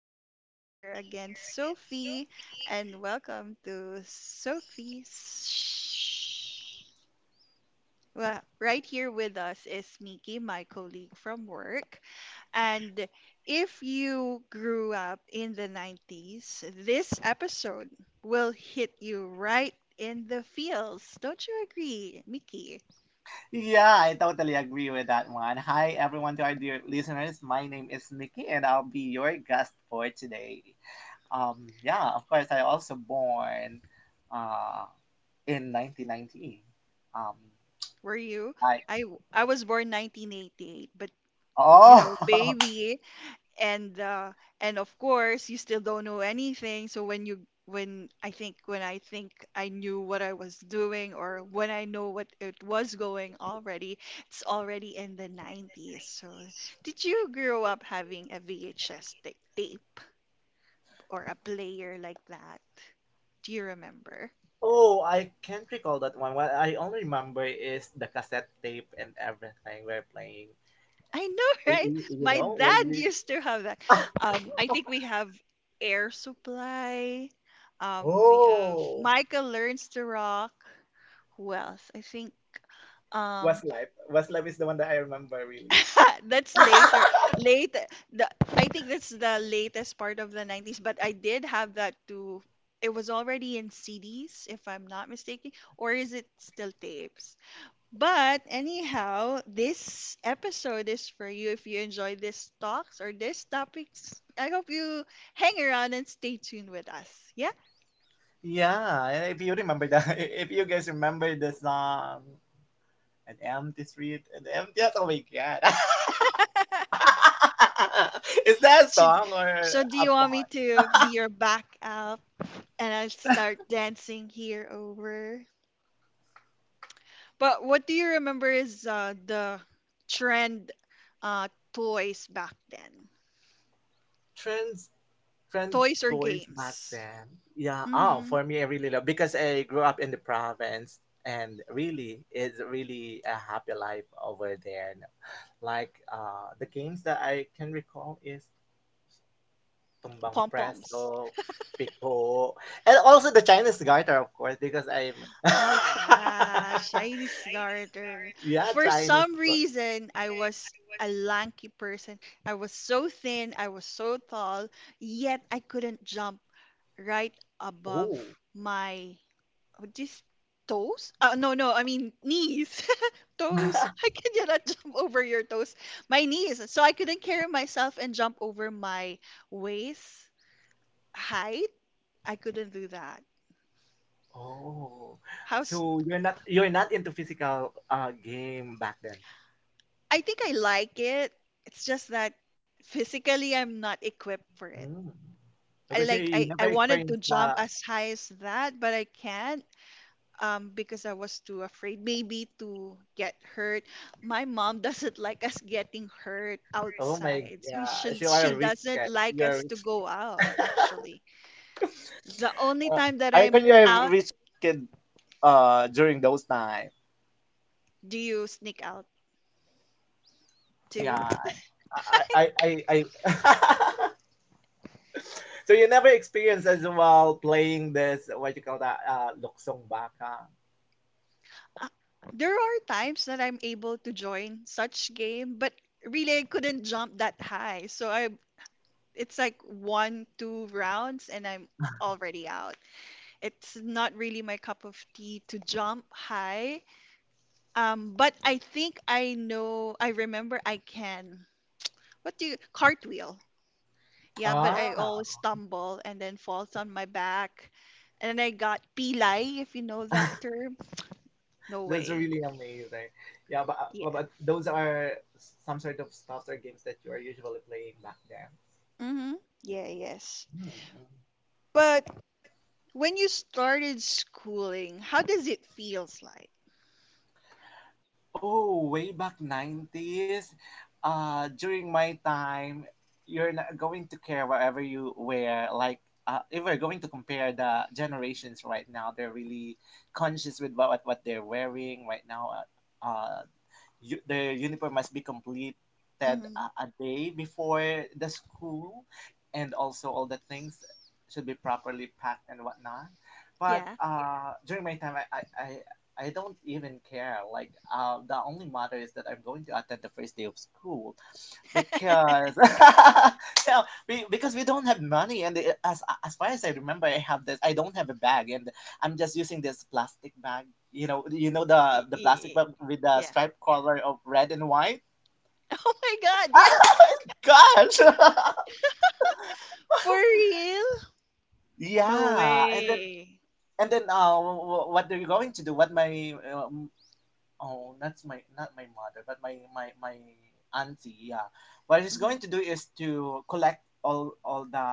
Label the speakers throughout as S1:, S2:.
S1: It's me here again, Sophie, and welcome to Sophie's. Well, right here with us is Miki, my colleague from work. And if you grew up in the 90s, this episode will hit you right in the feels. Don't you agree, Miki?
S2: Yeah, I totally agree with that one. Hi, everyone, to our dear listeners. My name is Mickey, and I'll be your guest for today. Yeah, of course, I also born uh, in 1990. Um,
S1: Were you?
S2: like,
S1: I, I was born 1988, but you know,
S2: oh,
S1: baby.
S2: which
S1: and uh and of course you still don't know anything, so when you when I think I knew what I was doing, or when I know what it was going already, it's already in the 90s. So did you grow up having a tape or a player like that? Do you remember?
S2: oh, I can't recall that one. What I only remember is the cassette tape and everything we're playing.
S1: I know,
S2: I,
S1: right?
S2: y- you
S1: My
S2: know, what
S1: dad
S2: you.
S1: used to have that. I think we have Air Supply. We have
S2: Oh,
S1: Michael Learns to Rock. Who else? I think um
S2: Westlife. Westlife is the one that I remember really.
S1: that's later. Later the I think that's the latest part of the 90s, but I did have that too. It was already in CDs, if I'm not mistaken, or is it still tapes? But anyhow, this episode is for you. If you enjoy these talks or these topics, I hope you hang around and stay tuned with us. Yeah?
S2: Yeah, and if you remember that, if you guys remember the song, an empty street, an empty house. Oh my god. Is that a
S1: So,
S2: song or
S1: so do
S2: a
S1: you
S2: So
S1: want
S2: porn?
S1: me
S2: Do
S1: to be your back up and I'll start dancing here over? But what do you remember is the trend, uh, toys back then?
S2: Trends, trend
S1: Toys or
S2: toys back games?
S1: games?
S2: Then. Yeah. Oh,
S1: Mm-hmm.
S2: for me, I really love because I grew up in the province, and really, it's really a happy life over there. Like the games that I can recall is Tumbang
S1: Pom poms.
S2: Preso, Pico, and also the Chinese Garter, of course, because I'm
S1: Oh yeah, shiny starter.
S2: yeah
S1: For
S2: Chinese.
S1: some reason, I was a lanky person. I was so thin, I was so tall, yet I couldn't jump right above
S2: Oh.
S1: my what this toes? No, I mean knees. toes. I cannot jump over your toes. My knees. So I couldn't carry myself and jump over my waist height. I couldn't do that.
S2: Oh, oh,
S1: How?
S2: so you're not— you're not into physical game back then.
S1: I think I like it. It's just that physically I'm not equipped for it.
S2: Mm.
S1: I
S2: Okay, so
S1: like
S2: you
S1: I,
S2: never
S1: I wanted to
S2: experienced the—
S1: jump as high as that, but I
S2: but I—
S1: can't because I was too afraid maybe to get hurt. My mom doesn't like us getting hurt
S2: Oh my
S1: outside. So we
S2: gosh,
S1: should
S2: you are
S1: She
S2: a rich
S1: doesn't
S2: guy.
S1: like
S2: You're a
S1: us to
S2: rich—
S1: go out actually. The only
S2: Only
S1: time that
S2: I
S1: I'm
S2: reckon you're a
S1: out,
S2: rich kid during those time.
S1: do you sneak out
S2: Yeah.
S1: too?
S2: I I I, I So you never experienced as well playing this what you call that luksong baka.
S1: uh, there are times that I'm able to join such game, but really I couldn't jump that high. So I it's like one, two rounds and I'm already out. It's not really my cup of tea to jump high. But I think I remember I can. What do you cartwheel? Yeah, but
S2: Ah.
S1: I always stumble and then falls on my back. And then I got pilay, if you know that term. No
S2: That's
S1: way.
S2: really amazing. Yeah, but, uh, but
S1: Yeah.
S2: but those are some sort of stuffs or games that you are usually playing back then.
S1: Mm-hmm. Yeah, yes.
S2: Mm.
S1: But when you started schooling, how does it feels like?
S2: Oh, way back 90s, during my time, you're not going to care whatever you wear. Like, if we're going to compare the generations right now, they're really conscious with what they're wearing right now. Uh, uh, their uniform must be completed
S1: Mm-hmm.
S2: a day before the school, and also all the things should be properly packed and whatnot. But
S1: Yeah.
S2: yeah. During my time, I don't even care. Like, the only matter is that I'm going to attend the first day of school. Because no, we, because we don't have money, and as far as I remember, I have this. I don't have a bag, and I'm just using this plastic bag. You know
S1: Y-
S2: the plastic
S1: y-
S2: bag with the
S1: yeah.
S2: stripe color of red and white.
S1: Oh my god, yeah.
S2: Oh my gosh!
S1: For real? No
S2: Yeah, and then
S1: way.
S2: and then uh, wh- what are you going to do? What my Oh, that's my— not my mother, but my auntie. Yeah, what she's going
S1: Hmm.
S2: to do is to collect all the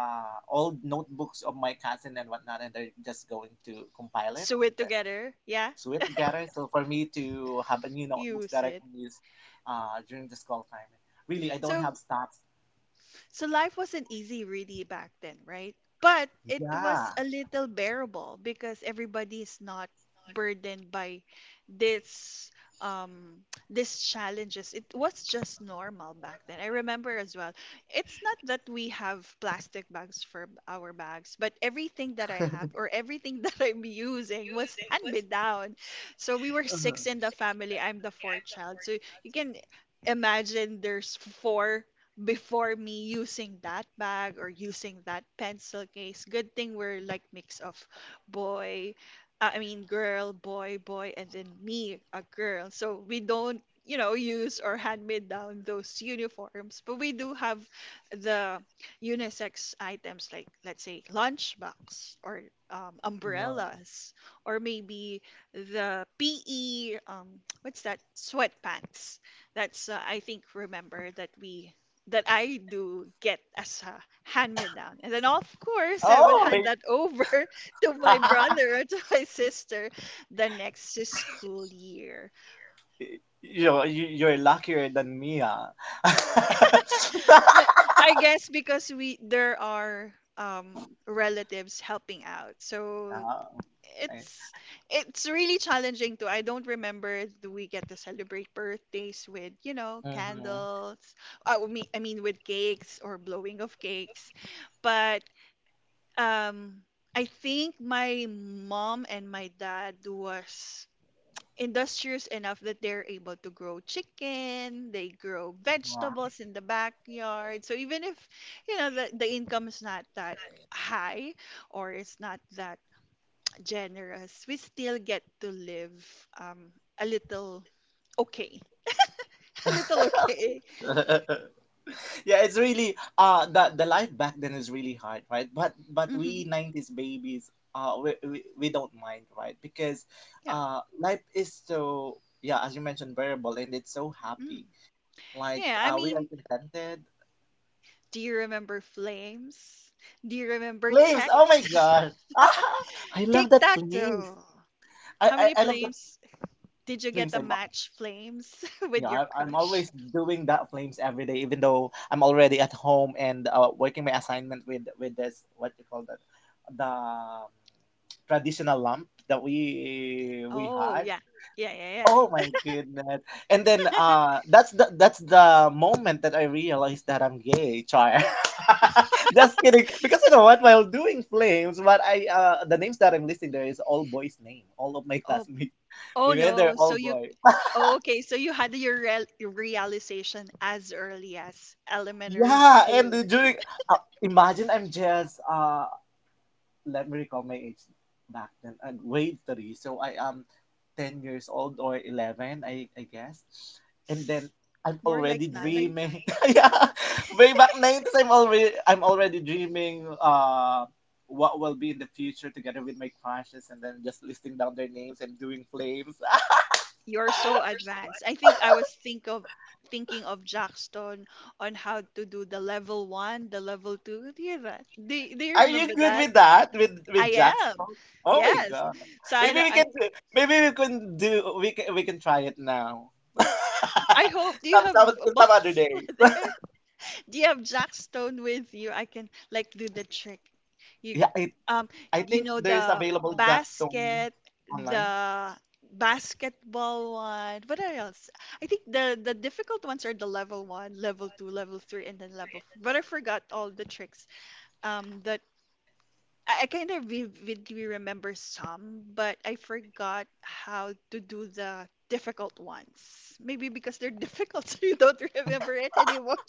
S2: old notebooks of my cousin and whatnot, and they're just going to compile it
S1: Sew
S2: and
S1: it
S2: then
S1: together. Yeah.
S2: sew it together. So for me to have a new notebooks that
S1: Use
S2: I
S1: it.
S2: can use during the school time. Really, I don't
S1: So
S2: have stops.
S1: So life wasn't easy really back then, right? But it
S2: Yeah.
S1: was a little bearable because everybody is not burdened by this um these challenges. It was just normal back then. I remember as well. It's not that we have plastic bags for our bags, but everything that I have or everything that I'm using was hand me down. So we were
S2: Uh-huh.
S1: six in the family. I'm the fourth child. So you can imagine there's four before me using that bag or using that pencil case. Good thing we're like mix of boy, I mean girl, boy, boy, and then me, a girl. So we don't, you know, use or hand me down those uniforms, but we do have the unisex items, like let's say lunchbox or
S2: Yeah.
S1: umbrellas, or maybe the PE what's that, sweatpants. That's I think remember that we that I do get as a hand me down. And then, of course, I would
S2: Oh,
S1: hand
S2: y-
S1: that over to my brother or to my sister the next school year.
S2: you know, you are luckier than me, ah. Ah,
S1: No, I guess because we there are relatives helping out. So
S2: I—
S1: it's it's really challenging too. I don't remember, do we get to celebrate birthdays with, you know, candles. I mean with cakes or blowing of cakes. But Um, I think my mom and my dad was industrious enough that they're able to grow chicken, they grow vegetables in the backyard. So even if, you know, the income is not that high or it's not that generous, we still get to live a little okay. A little okay.
S2: okay. Yeah, it's really the life back then is really hard, right? But
S1: Hmm.
S2: we 90s babies we don't mind, right? Because
S1: Yeah.
S2: life is so— yeah, as you mentioned, variable, and it's so happy.
S1: Mm.
S2: Like
S1: Yeah, I
S2: we are— yeah,
S1: mean,
S2: I mean, contented.
S1: do you remember flames? Do you remember
S2: Even flames, oh my
S1: texts?
S2: gosh, ah, I love
S1: Tic
S2: that
S1: tac
S2: flames.
S1: toe. How many
S2: I love how the
S1: flames
S2: many
S1: did you get
S2: flames
S1: a
S2: flames. I'm did you
S1: match flames
S2: You
S1: with
S2: know,
S1: your
S2: I, I'm
S1: crush?
S2: always doing that flames every day, even though I'm already at home and working my assignment with this what you call that, the traditional lamp that we
S1: Oh
S2: had.
S1: yeah, yeah, yeah,
S2: Oh
S1: yeah.
S2: my goodness! And then that's the— that's the moment that I realized that I'm gay, child. Just kidding, because you know what? While doing flames, what I the names that I'm listing there is all boys' name, all of my
S1: Oh,
S2: classmates.
S1: oh
S2: They- they're
S1: no.
S2: all boys.
S1: Oh, okay. So you had your realization as early as elementary
S2: Yeah, and
S1: school.
S2: during imagine I'm just let me recall my age back then, grade three, so I am 10 years old or 11, I guess, and then
S1: S-
S2: I'm
S1: More like
S2: already
S1: nine.
S2: dreaming. Nine. Yeah, way back 90s, I'm already dreaming what will be in the future together with my crushes, and then just listing down their names and doing flames. You're—
S1: You're so advanced. I think I was thinking of Jackson on how to do the level one, the level two. Do you that? Do you
S2: Are you
S1: remember
S2: good are
S1: that?
S2: that? With
S1: I
S2: Jack's
S1: am.
S2: talk? Oh my
S1: Yes.
S2: god.
S1: So I
S2: Maybe
S1: know
S2: we can do Maybe we can do— we can try it now. I—
S1: I hope, do you have
S2: some in
S1: a
S2: you some other
S1: boss
S2: days.
S1: over there? Do you have Jack Stone with you? I can like do the trick. You
S2: Yeah, I—
S1: um
S2: I
S1: you
S2: think
S1: know
S2: there's
S1: the
S2: available Jack's online.
S1: the basketball one. What are else? I think the difficult ones are the level one, level two, level three, and then level four. But I forgot all the tricks. The I kind of vividly remember some, but I forgot how to do the difficult ones. Maybe because they're difficult, so you don't remember it anymore.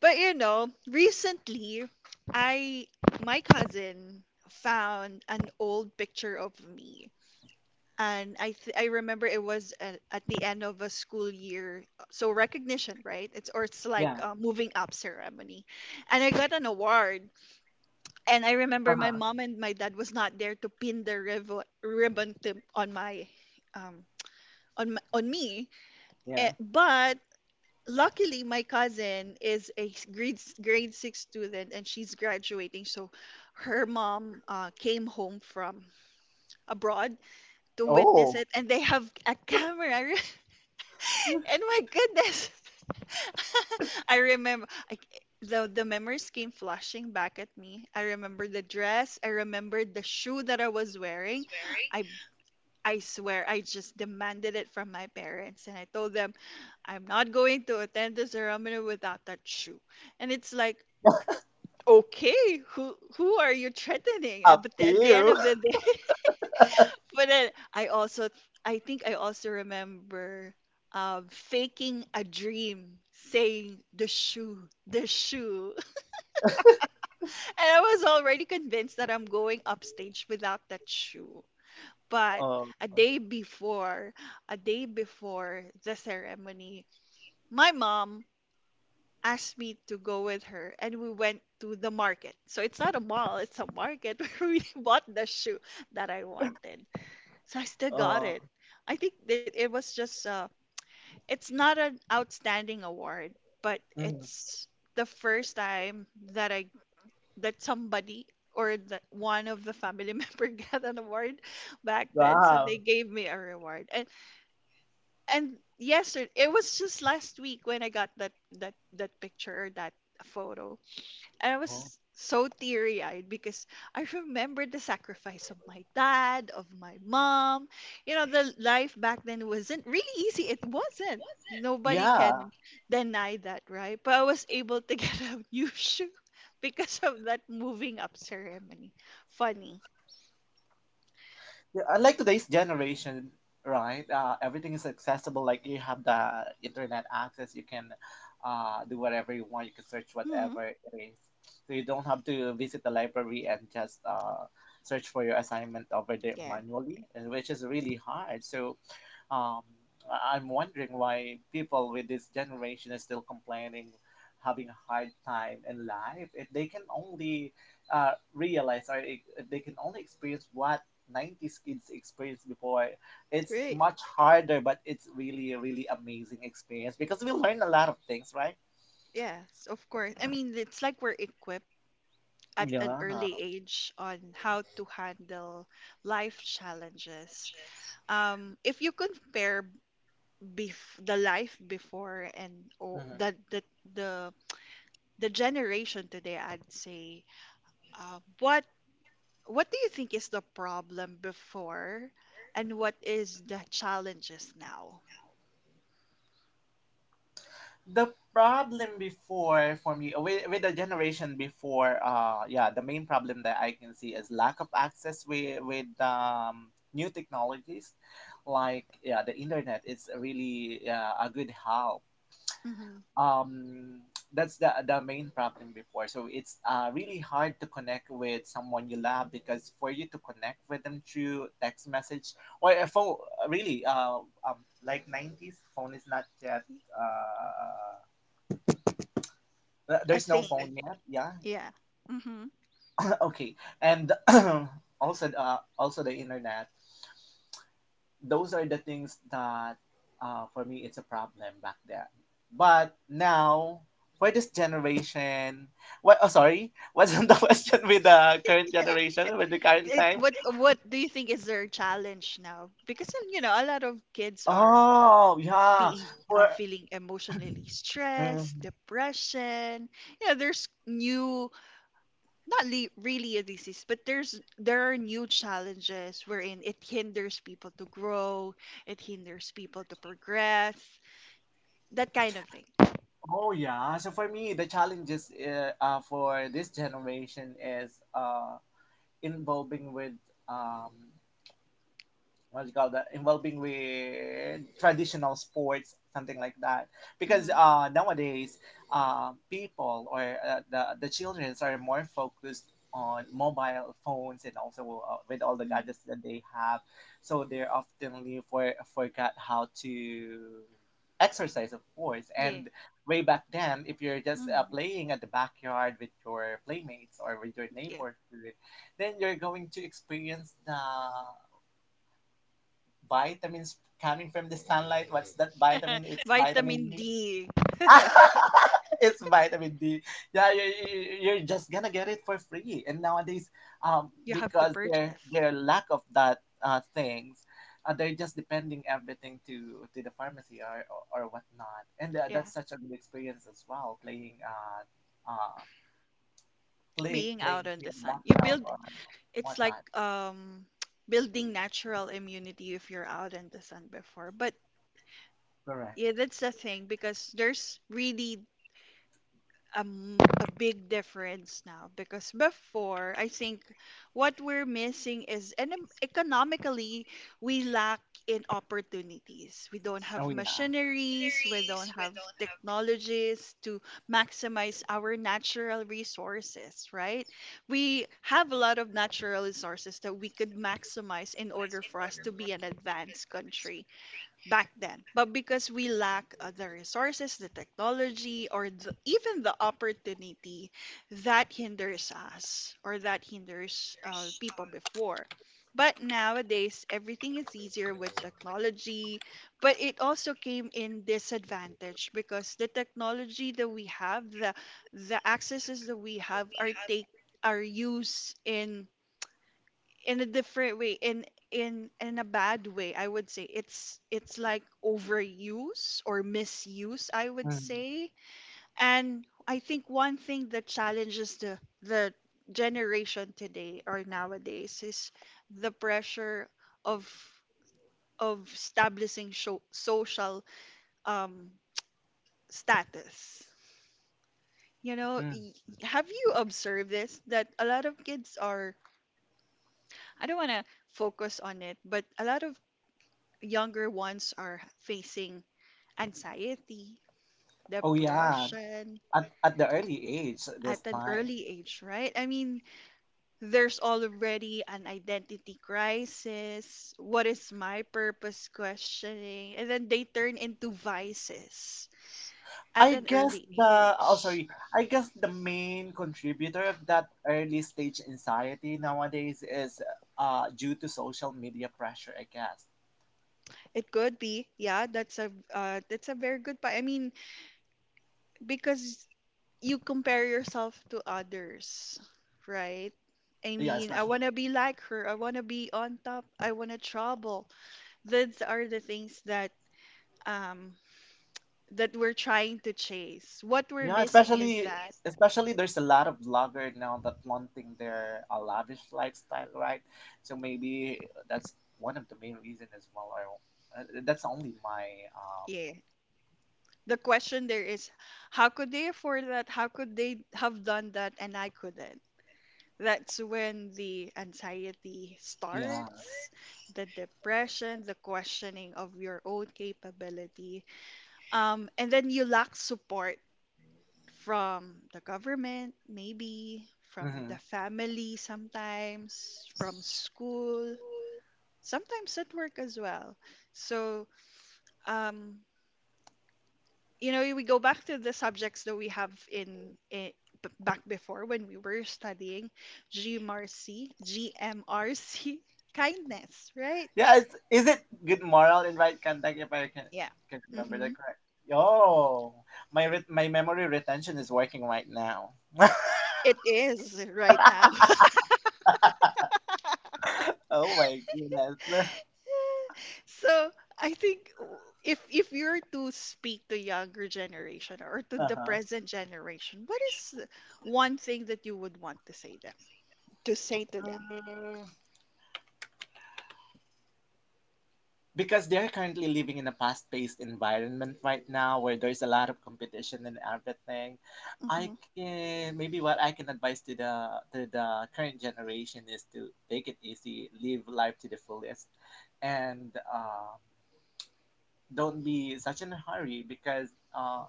S1: But you know, recently, I my cousin found an old picture of me. And I remember it was at the end of a school year, so
S2: Was—
S1: recognition, right? It's like
S2: Yeah.
S1: a moving up ceremony,
S2: Money.
S1: and I
S2: And—
S1: got an award. And I
S2: Uh—
S1: remember my
S2: uh-huh.
S1: mom and my dad was not there to pin the ribbon on my um on on me.
S2: Yeah.
S1: Eh, but luckily my cousin is a grade 6 student and she's graduating. So her mom came home from abroad to witness
S2: Oh.
S1: it, and they have a camera. and my goodness, I remember I, the memories came flashing back at me. I remember the dress. I remembered the shoe that I was wearing. I I swear I just demanded it from my parents and I told them I'm not going to attend the ceremony without that shoe. And it's like,
S2: I—
S1: okay, who are you threatening?
S2: Up
S1: And But
S2: to
S1: at the end
S2: you.
S1: of the day,
S2: The
S1: but then I also, I think I also remember faking a dream, saying the shoe, the shoe.
S2: day—
S1: And I was already convinced that I'm going upstage without that shoe. But
S2: Oh.
S1: a day before, a day before the ceremony, my mom asked me to go with her and we went to the market. So it's not a mall, it's a market where we bought the shoe that I wanted. So I still
S2: Oh.
S1: got it.
S2: Mhm.
S1: I think that it was just it's not an outstanding award, but it's the first time that I that somebody or that one of the family member got an award back then. So
S2: Wow.
S1: they gave me a reward. And yesterday, it was just last week when I got that that picture or that photo. And I was
S2: Oh.
S1: so teary eyed because I remembered the sacrifice of my dad, of my mom. You know, the life back then wasn't really easy. It wasn't. Nobody
S2: Yeah. A—
S1: can deny that, right? But I was able to get a new shoe because of that moving up ceremony. Funny.
S2: yeah. I like today's generation, right? Everything is accessible. Like you have the internet access. You can do whatever you want. You can search
S1: Hmm.
S2: whatever it is. So you don't have to visit the library and just search for your assignment over there
S1: Yeah.
S2: manually, which is really hard. So Um, I- I'm wondering why people with this generation is still complaining, having a hard time in life. If they can only realize, or if they can only experience what 90s kids experienced before, it's
S1: Right.
S2: much harder, but it's really, really amazing experience, because we learn a lot of things, right?
S1: Yes, of course. I mean, it's like we're equipped at
S2: Yeah.
S1: an early age on how to handle life challenges. If you compare the life before and
S2: Mhm.
S1: oh, the the generation today, I'd say uh, what what do you think is the problem before and what is the challenges now?
S2: The problem before for me with the generation before— yeah, the main problem that I can see is lack of access with new technologies. Like yeah, the internet is really— yeah, a good help.
S1: Mm-hmm.
S2: um that's the main problem before. So it's really hard to connect with someone you love, because for you to connect with them through text message or a phone really— um, like 90s phone is not yet uh,
S1: A
S2: there's no phone
S1: thing.
S2: yet. Yeah.
S1: Yeah. Mm-hmm.
S2: Okay. And also, also the internet. Those are the things that, for me, it's a problem back then. But now, for this generation— what? Oh, sorry. What's the question with the current
S1: Yeah,
S2: generation, with the current
S1: it,
S2: time?
S1: what do you think is their challenge now? Because you know, a lot of kids are
S2: Oh, yeah.
S1: being,
S2: For—
S1: feeling emotionally
S2: Mhm.
S1: stressed, depression. You know, there's new not le- really a disease, but there are new challenges wherein it hinders people to grow, it hinders people to progress, that kind of thing.
S2: Oh yeah. So for me, the challenges for this generation is uh, involving with— um, what do you call that, involving with traditional sports, something like that. Because
S1: Mm-hmm.
S2: nowadays people, or the children are more focused on mobile phones and also with all the
S1: Hmm.
S2: gadgets that they have, so they often leave— for forgot how to exercise, of course. And
S1: Yeah.
S2: way back then, if you're just
S1: Mm-hmm.
S2: playing at the backyard with your playmates or with your
S1: Yeah.
S2: neighborhood, then you're going to experience the vitamins coming from the sunlight. What's that vitamin? It's vitamin
S1: Vitamin
S2: E.
S1: D.
S2: It's vitamin D. Yeah, you're just gonna get it for free. And nowadays, um,
S1: you have to
S2: because their—
S1: purchase.
S2: lack of that things, they're just depending everything to— to the pharmacy or or whatnot. And
S1: Yeah.
S2: that's such a good experience as well, playing uh,
S1: Being
S2: playing
S1: out in
S2: free
S1: the
S2: at the
S1: sun. You
S2: background
S1: build
S2: or
S1: it's like
S2: whatnot.
S1: building natural immunity if you're out in the sun before. But
S2: Correct.
S1: yeah, that's the thing, because there's really a big difference now. Because before, I think what we're missing is, and economically we lack in opportunities. We don't
S2: Oh
S1: have
S2: yeah.
S1: machineries, we don't have technologies to maximize our natural resources, right? We have a lot of natural resources that we could maximize in order for us to be an advanced country back then. But because we lack the resources, the technology, or the, even the opportunity, that hinders us or that hinders people before. But nowadays, everything is easier with technology, but it also came in disadvantage because the technology that we have, the accesses that we have, are take are used in a different way in a bad way I would say. It's like overuse or misuse, I would
S2: Mm. Mm,
S1: say. And I think one thing that challenges the generation today or nowadays is the pressure of establishing social um status, you know
S2: mm.
S1: y-
S2: You—
S1: Have you observed this, that a lot of kids are, I don't want to focus on it, but a lot of younger ones are facing anxiety,
S2: Oh yeah,
S1: depression
S2: at the early age, this
S1: at
S2: at
S1: an
S2: line.
S1: early age, right? I mean, there's already an identity crisis, what is my purpose questioning, and then they turn into vices
S2: I
S1: at
S2: and
S1: an
S2: guess
S1: early
S2: then the oh
S1: age.
S2: sorry, I guess the main contributor of that early stage anxiety nowadays is due to social media pressure, I guess.
S1: It could be, yeah, that's a very good point. I mean, because you compare yourself to others, right? I
S2: Yeah, I
S1: mean, I
S2: especially—
S1: want to be like her. I want to be on top. I want to trouble. These are the things that um that we're trying to chase. What we're
S2: yeah,
S1: missing is
S2: especially,
S1: that,
S2: especially there's a lot of vlogger now that wanting their a lavish lifestyle, right? So maybe that's one of the main reason as well. Or that's only my— um
S1: yeah. The question there is, how could they afford that? How could they have done that and I couldn't? That's when the anxiety
S2: yeah.
S1: starts, the depression, the questioning of your own capability. And then you lack support from the government, maybe from the
S2: Mhm.
S1: family sometimes, from school, sometimes at work as well. So, um, you know, we go back to the subjects that we have in, b back before when we were studying GMRC, GMRC, kindness, right?
S2: Yeah, it's— is it good moral in right contact, if I can—
S1: Yeah.
S2: can remember that
S1: Mm-hmm.
S2: correctly? Oh, my— re- my memory retention is working right now.
S1: It is right now.
S2: Oh my goodness. Generation.
S1: So I think if you're to speak to younger generation or to
S2: Uh
S1: the
S2: huh. For—
S1: present generation, what is one thing that you would want to say them, to say to them?
S2: that because they're currently living in a fast-paced environment right now, where there's a lot of competition and everything. I
S1: Mm-hmm.
S2: Can— maybe what I can advise to the— to the current generation is to take it easy, live life to the fullest, and don't be such in a hurry, because uh,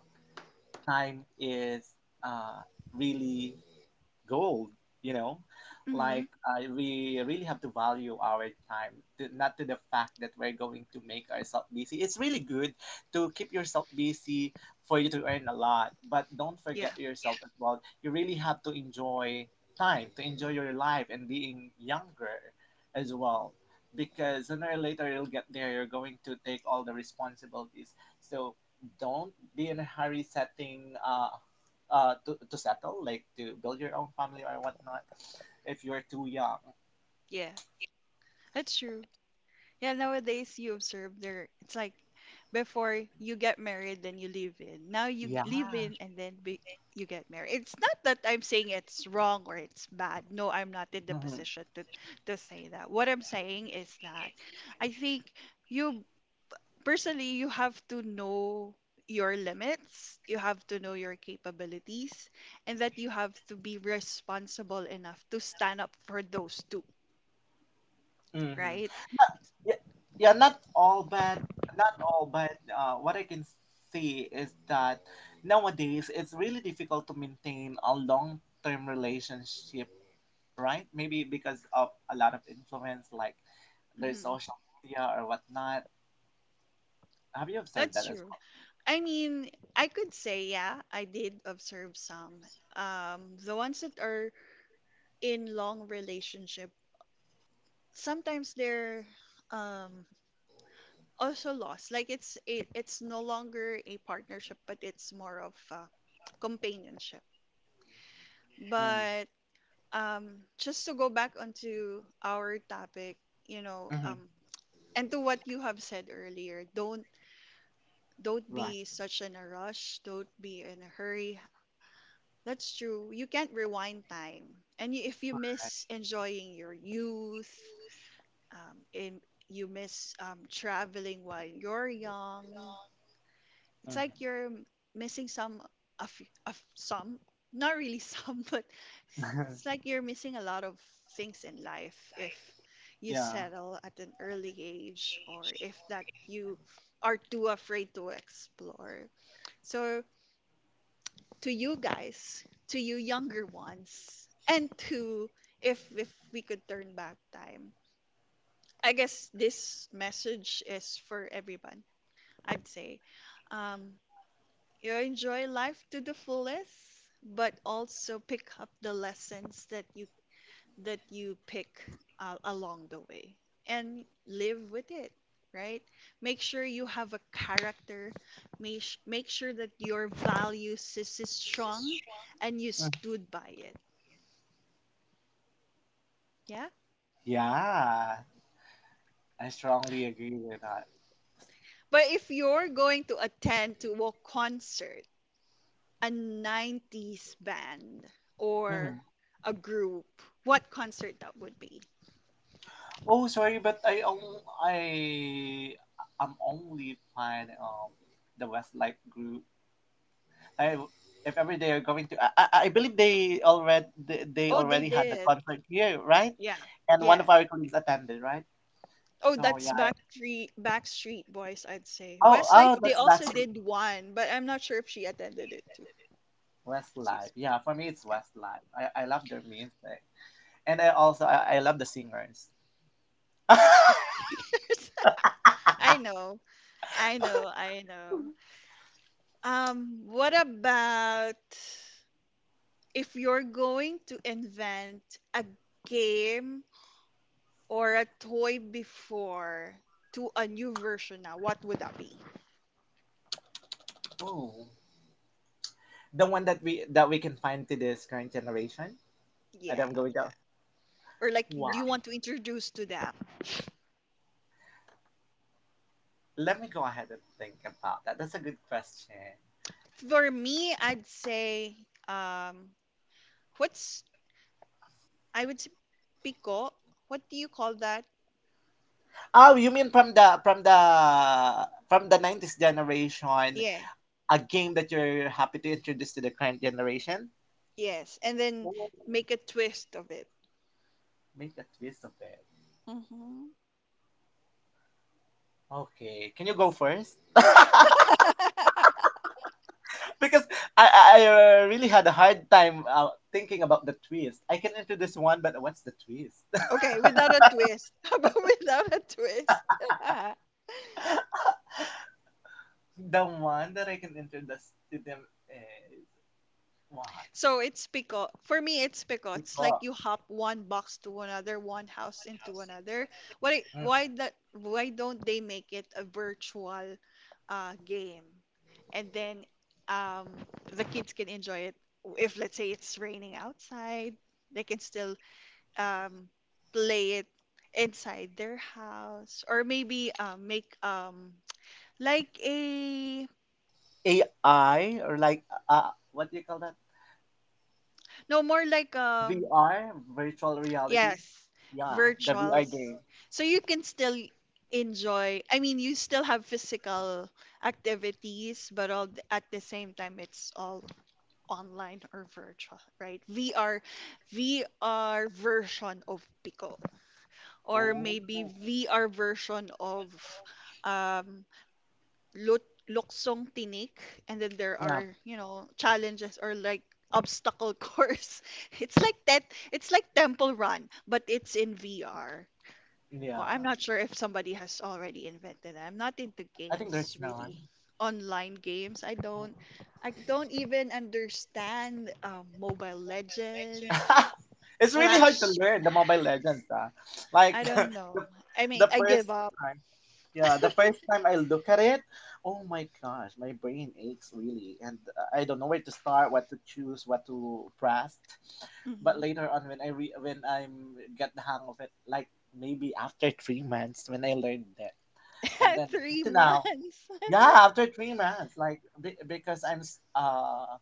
S2: time is uh, really gold, you know.
S1: Mm-hmm.
S2: Like we really have to value our time, to— not to the fact that we're going to make ourselves busy. It's really good to keep yourself busy for you to earn a lot, but don't
S1: Yeah,
S2: forget yourself as well. You really have to enjoy time, to enjoy your life and being younger as well, because sooner or later you'll get there, you're going to take all the responsibilities. So don't be in a hurry setting to settle, like to build your own family or whatnot, if you're too young.
S1: yeah, that's true. Yeah, nowadays you observe there. It's like before you get married, then you live in. Now you
S2: Yeah.
S1: live in, and
S2: Yeah.
S1: then you get married. It's not that I'm saying it's wrong or it's bad. No, I'm not in the
S2: Mhm.
S1: position to say that. What I'm saying is that I think you, personally, you have to know your limits, you have to know your capabilities, and that you have to be responsible enough to stand up for those two.
S2: Mm-hmm.
S1: Right?
S2: Right? Not yeah, yeah, not all bad, not all but What I can see is that nowadays it's really difficult to maintain a long-term relationship, right? Maybe because of a lot of influence, like their
S1: Mm-hmm.
S2: social media or whatnot. Have you observed
S1: That's
S2: that as
S1: true. I mean, I could say, yeah, I did observe some. The ones that are in long relationship, sometimes they're um also lost. Like it's no longer a partnership, but it's more of a companionship.
S2: Mm,
S1: But just to go back onto our topic, you know,
S2: mm-hmm.
S1: and to what you have said earlier, don't be
S2: Right.
S1: such in a rush, don't be in a hurry. That's true. You can't rewind time. And if you miss enjoying your youth, um, in, you miss traveling while you're young, it's like
S2: Mm-hmm.
S1: you're missing of, of some, not really some, but it's like you're missing a lot of things in life if you
S2: yeah.
S1: settle at an early age or if that you are too afraid to explore. So to you guys, to you younger ones, and to, if we could turn back time. I guess this message is for everyone. I'd say, um, you know, enjoy life to the fullest, but also pick up the lessons that you, that you pick along the way and live with it, right? Make sure you have a character. Make sure that your values is strong and you stood by it. Yeah?
S2: Yeah, I strongly agree with that.
S1: But if you're going to attend to a concert, a 90s band or a group, what concert that would be?
S2: Oh, sorry, but I'm only planning the Westlife group. I, if ever they are going to, I believe they
S1: Oh, they
S2: already had the
S1: did.
S2: concert here, right?
S1: Yeah.
S2: And one
S1: Yeah.
S2: of our colleagues attended, right?
S1: Oh,
S2: So
S1: that's
S2: yeah.
S1: Backstreet Boys, I'd say. Westlife,
S2: Oh,
S1: they
S2: that's
S1: also
S2: Backstreet.
S1: did one, but I'm not sure if she attended it too.
S2: Westlife,
S1: She's
S2: yeah. For me, it's
S1: yeah.
S2: Westlife. I love their music, and I also I love the singers.
S1: Just years. I know. I know. I know. What about if you're going to invent a game or a toy before to a new version now, what would that be?
S2: Oh. The one that we can find to this current generation. And
S1: Yeah.
S2: I'm going to
S1: Or like
S2: wow.
S1: do you want to introduce to them?
S2: Let me go ahead and think about that. That's a good question.
S1: For me, I'd say um what's I would say pico. What do you call that?
S2: Oh, you mean from the 90s generation,
S1: Yeah,
S2: a game that you're happy to introduce to the current generation?
S1: Yes. And then make a twist of it.
S2: Oh. Make a twist of it.
S1: Hmm.
S2: Okay. Can you go first? because I really had a hard time thinking about the twist. I can introduce one, but what's the twist?
S1: Okay,
S2: the
S1: without a twist. How about without a twist?
S2: one that I can introduce to them is why?
S1: So it's because for me it's because it's like you
S2: Because.
S1: hop one box to another, one house into another. Why
S2: Mm.
S1: why that, why don't they make it a virtual game? And then um, the kids can enjoy it. If let's say it's raining outside, they can still um, play it inside their house or maybe make like a,
S2: AI or like, uh, what do you call that?
S1: no more like
S2: VR, virtual reality.
S1: yes,
S2: Yeah, the VR
S1: virtuals.
S2: game.
S1: So you can still enjoy, I mean, you still have physical activities, but at the same time, it's all online or virtual, right? VR, VR version of Pico,
S2: Or
S1: or
S2: Oh.
S1: maybe VR version of um, Lut- Luksong Tinik, and then there
S2: Yeah. they
S1: are, you know, challenges or like obstacle course. It's like that. It's like Temple Run, but it's in VR.
S2: Yeah.
S1: Or I'm not sure if somebody has already invented that. I'm not into
S2: think there's
S1: games
S2: no one.
S1: really.
S2: Really.
S1: Online games. I don't even understand Mobile Legends,
S2: It's really hard to learn the Mobile
S1: Clash.
S2: Legends, ah. Like
S1: I don't
S2: the
S1: know. I mean,
S2: the
S1: I
S2: first
S1: give up.
S2: time, yeah, the first time I look at it, oh my gosh, my brain aches really, and I don't know where to start, what to choose, what to press. But
S1: Hmm.
S2: later on when I get the hang of it, like maybe after 3 months when I learned that, and then up
S1: Three
S2: to now,
S1: months.
S2: yeah, after 3 months, like because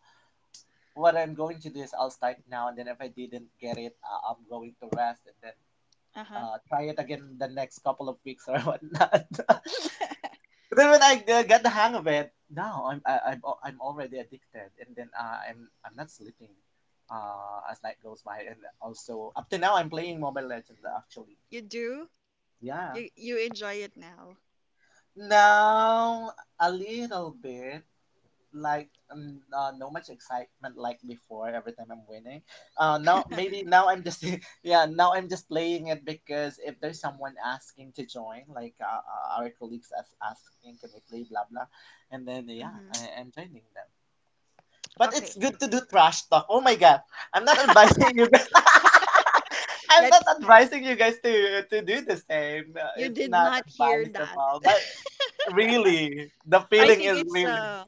S2: what I'm going to do is I'll start now, and then if I didn't get it, I'm going to rest and then.
S1: Uh-huh.
S2: Try it again the next couple of weeks or whatnot. And then when I got the hang of it, now I'm I, I'm already addicted, and then I'm not sleeping, as night goes by, and also up to now I'm playing Mobile Legends actually.
S1: You do?
S2: Yeah.
S1: You enjoy it now.
S2: Now a little bit, like um, no much excitement like before every time I'm winning. Now I'm just yeah, now I'm just playing it because if there's someone asking to join, like our colleagues as asking can we play blah blah, and then yeah
S1: Hmm.
S2: I am joining them. But it's
S1: Okay.
S2: good to do trash talk. Oh my god, I'm not advising you guys. I'm not
S1: Let's,
S2: advising you guys to do the same.
S1: you did
S2: It's not
S1: not hear that.
S2: advisable. But really, the
S1: I
S2: feeling
S1: think
S2: is I think
S1: it's
S2: really. It's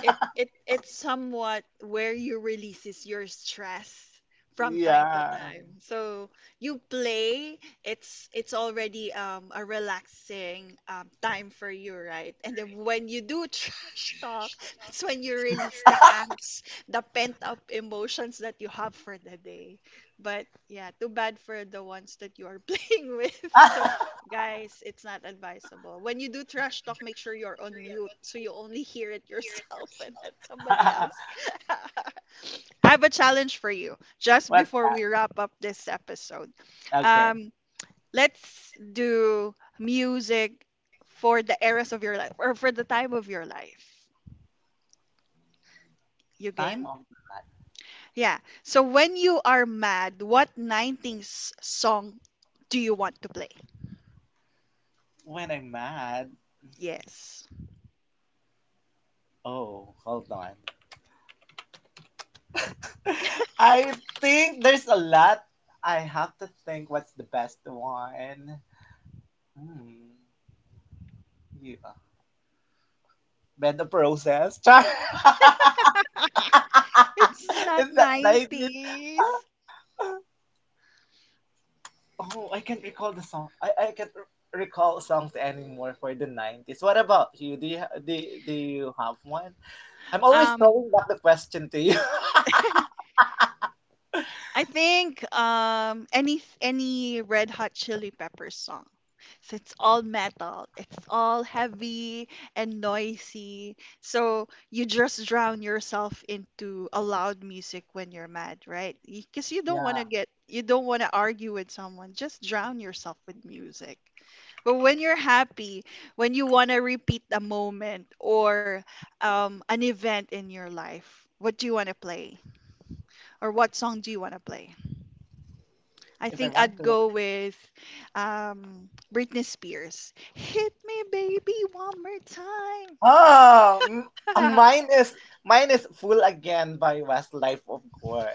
S1: it it it's somewhat where you releases your stress from time to
S2: Yeah.
S1: time. So you play, it's already a relaxing time for you, right? And then when you do trash talk, that's when you release the angst, the pent up emotions that you have for the day. But yeah, too bad for the ones that you are playing with. So, guys, it's not advisable. When you do trash talk, make sure you're on mute so you only hear it yourself and not somebody else. I have a challenge for you just
S2: What's
S1: before
S2: that?
S1: we wrap up this episode.
S2: Okay.
S1: Um, let's do music for the eras of your life or for the time of your life. You
S2: Time
S1: game?
S2: of okay. your life.
S1: Yeah. So when you are mad, what 90s song do you want to play?
S2: When I'm mad.
S1: Yes.
S2: Oh, hold on. I think there's a lot. I have to think what's the best one. Hmm. Yeah. Bend the process. Char.
S1: It's not
S2: Is that the idea?
S1: 90s.
S2: Oh, I can't recall the song. I can't r- recall songs anymore for the 90s. What about you? Do you have one? I'm always
S1: Um,
S2: throwing back the question to you.
S1: I think any Red Hot Chili Peppers song. So it's all metal, it's all heavy and noisy. So you just drown yourself into a loud music when you're mad, right? Because
S2: yeah.
S1: you don't want to argue with someone. Just drown yourself with music. But when you're happy, when you want to repeat a moment or
S2: Mhm.
S1: an event in your life, what do you want to play? Or what song do you want to play? I
S2: If I
S1: think
S2: want
S1: I'd
S2: to.
S1: go with Britney Spears. Hit me, baby, one more time.
S2: Oh, m- uh, mine is mine is Fool Again by Westlife, of course.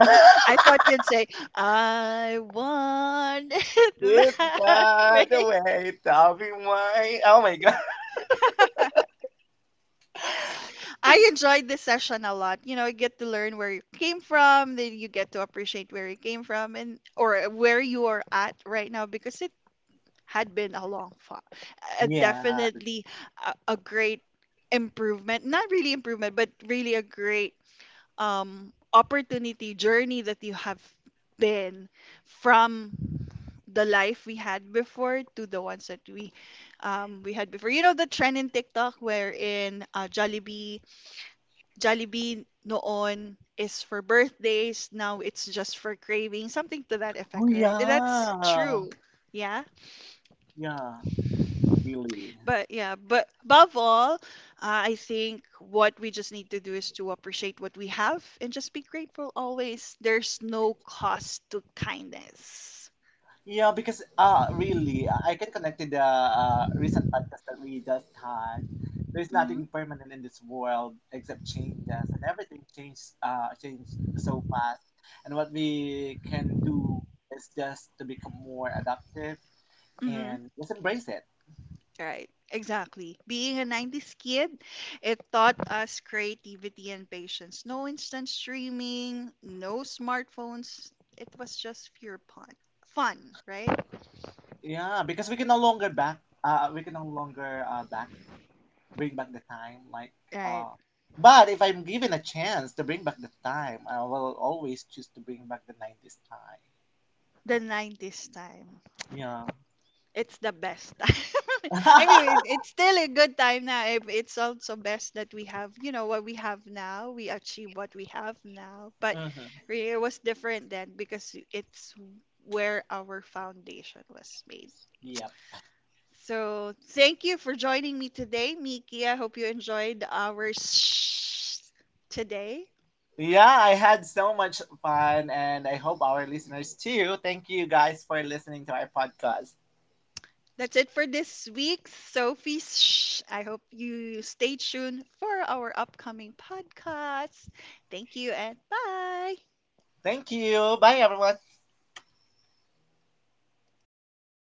S1: I thought you'd say, I want it
S2: It
S1: that
S2: died
S1: way.
S2: away, Tommy Wine. Oh my god.
S1: I enjoyed this session a lot. You know, I get to learn where you came from, then you get to appreciate where you came from and or where you are at right now because it had been a long fall.
S2: Yeah.
S1: Definitely a great improvement. Not really improvement, but really a great opportunity journey that you have been from the life we had before to the ones that we had before. You know the trend in TikTok wherein Jollibee noon is for birthdays, now it's just for craving, something to that
S2: Oh
S1: effect, right? That's
S2: yeah.
S1: true. Yeah.
S2: Yeah. Really.
S1: But yeah, but above all, I think what we just need to do is to appreciate what we have and just be grateful always. There's no cost to kindness.
S2: Yeah, because really, I can connect to the recent past that we just had. There's
S1: Mm-hmm.
S2: nothing permanent in this world except changes, and everything changed changed so fast. And what we can do is just to become more adaptive
S1: Mm-hmm.
S2: and just embrace it.
S1: Right. Exactly. Being a 90s kid, it taught us creativity and patience. No instant streaming, no smartphones. It was just pure fun. Fun, right?
S2: Yeah, because we can no longer back. We can no longer back bring back the time. Like,
S1: Right.
S2: uh, but if I'm given a chance to bring back the time, I will always choose to bring back the '90s time.
S1: The 90s time.
S2: Yeah.
S1: It's the best time. I mean, it's still a good time now. It- it's also best that we have, you know, what we have now. We achieve what we have now. But
S2: Mhm.
S1: really, it was different then because it's where our foundation was made.
S2: Yep.
S1: So thank you for joining me today, Miki. I hope you enjoyed our today.
S2: Yeah, I had so much fun, and I hope our listeners too. Thank you guys for listening to our podcast.
S1: That's it for this week's Sophie's Shh. I hope you stay tuned for our upcoming podcast. Thank you and bye.
S2: Thank you. Bye, everyone.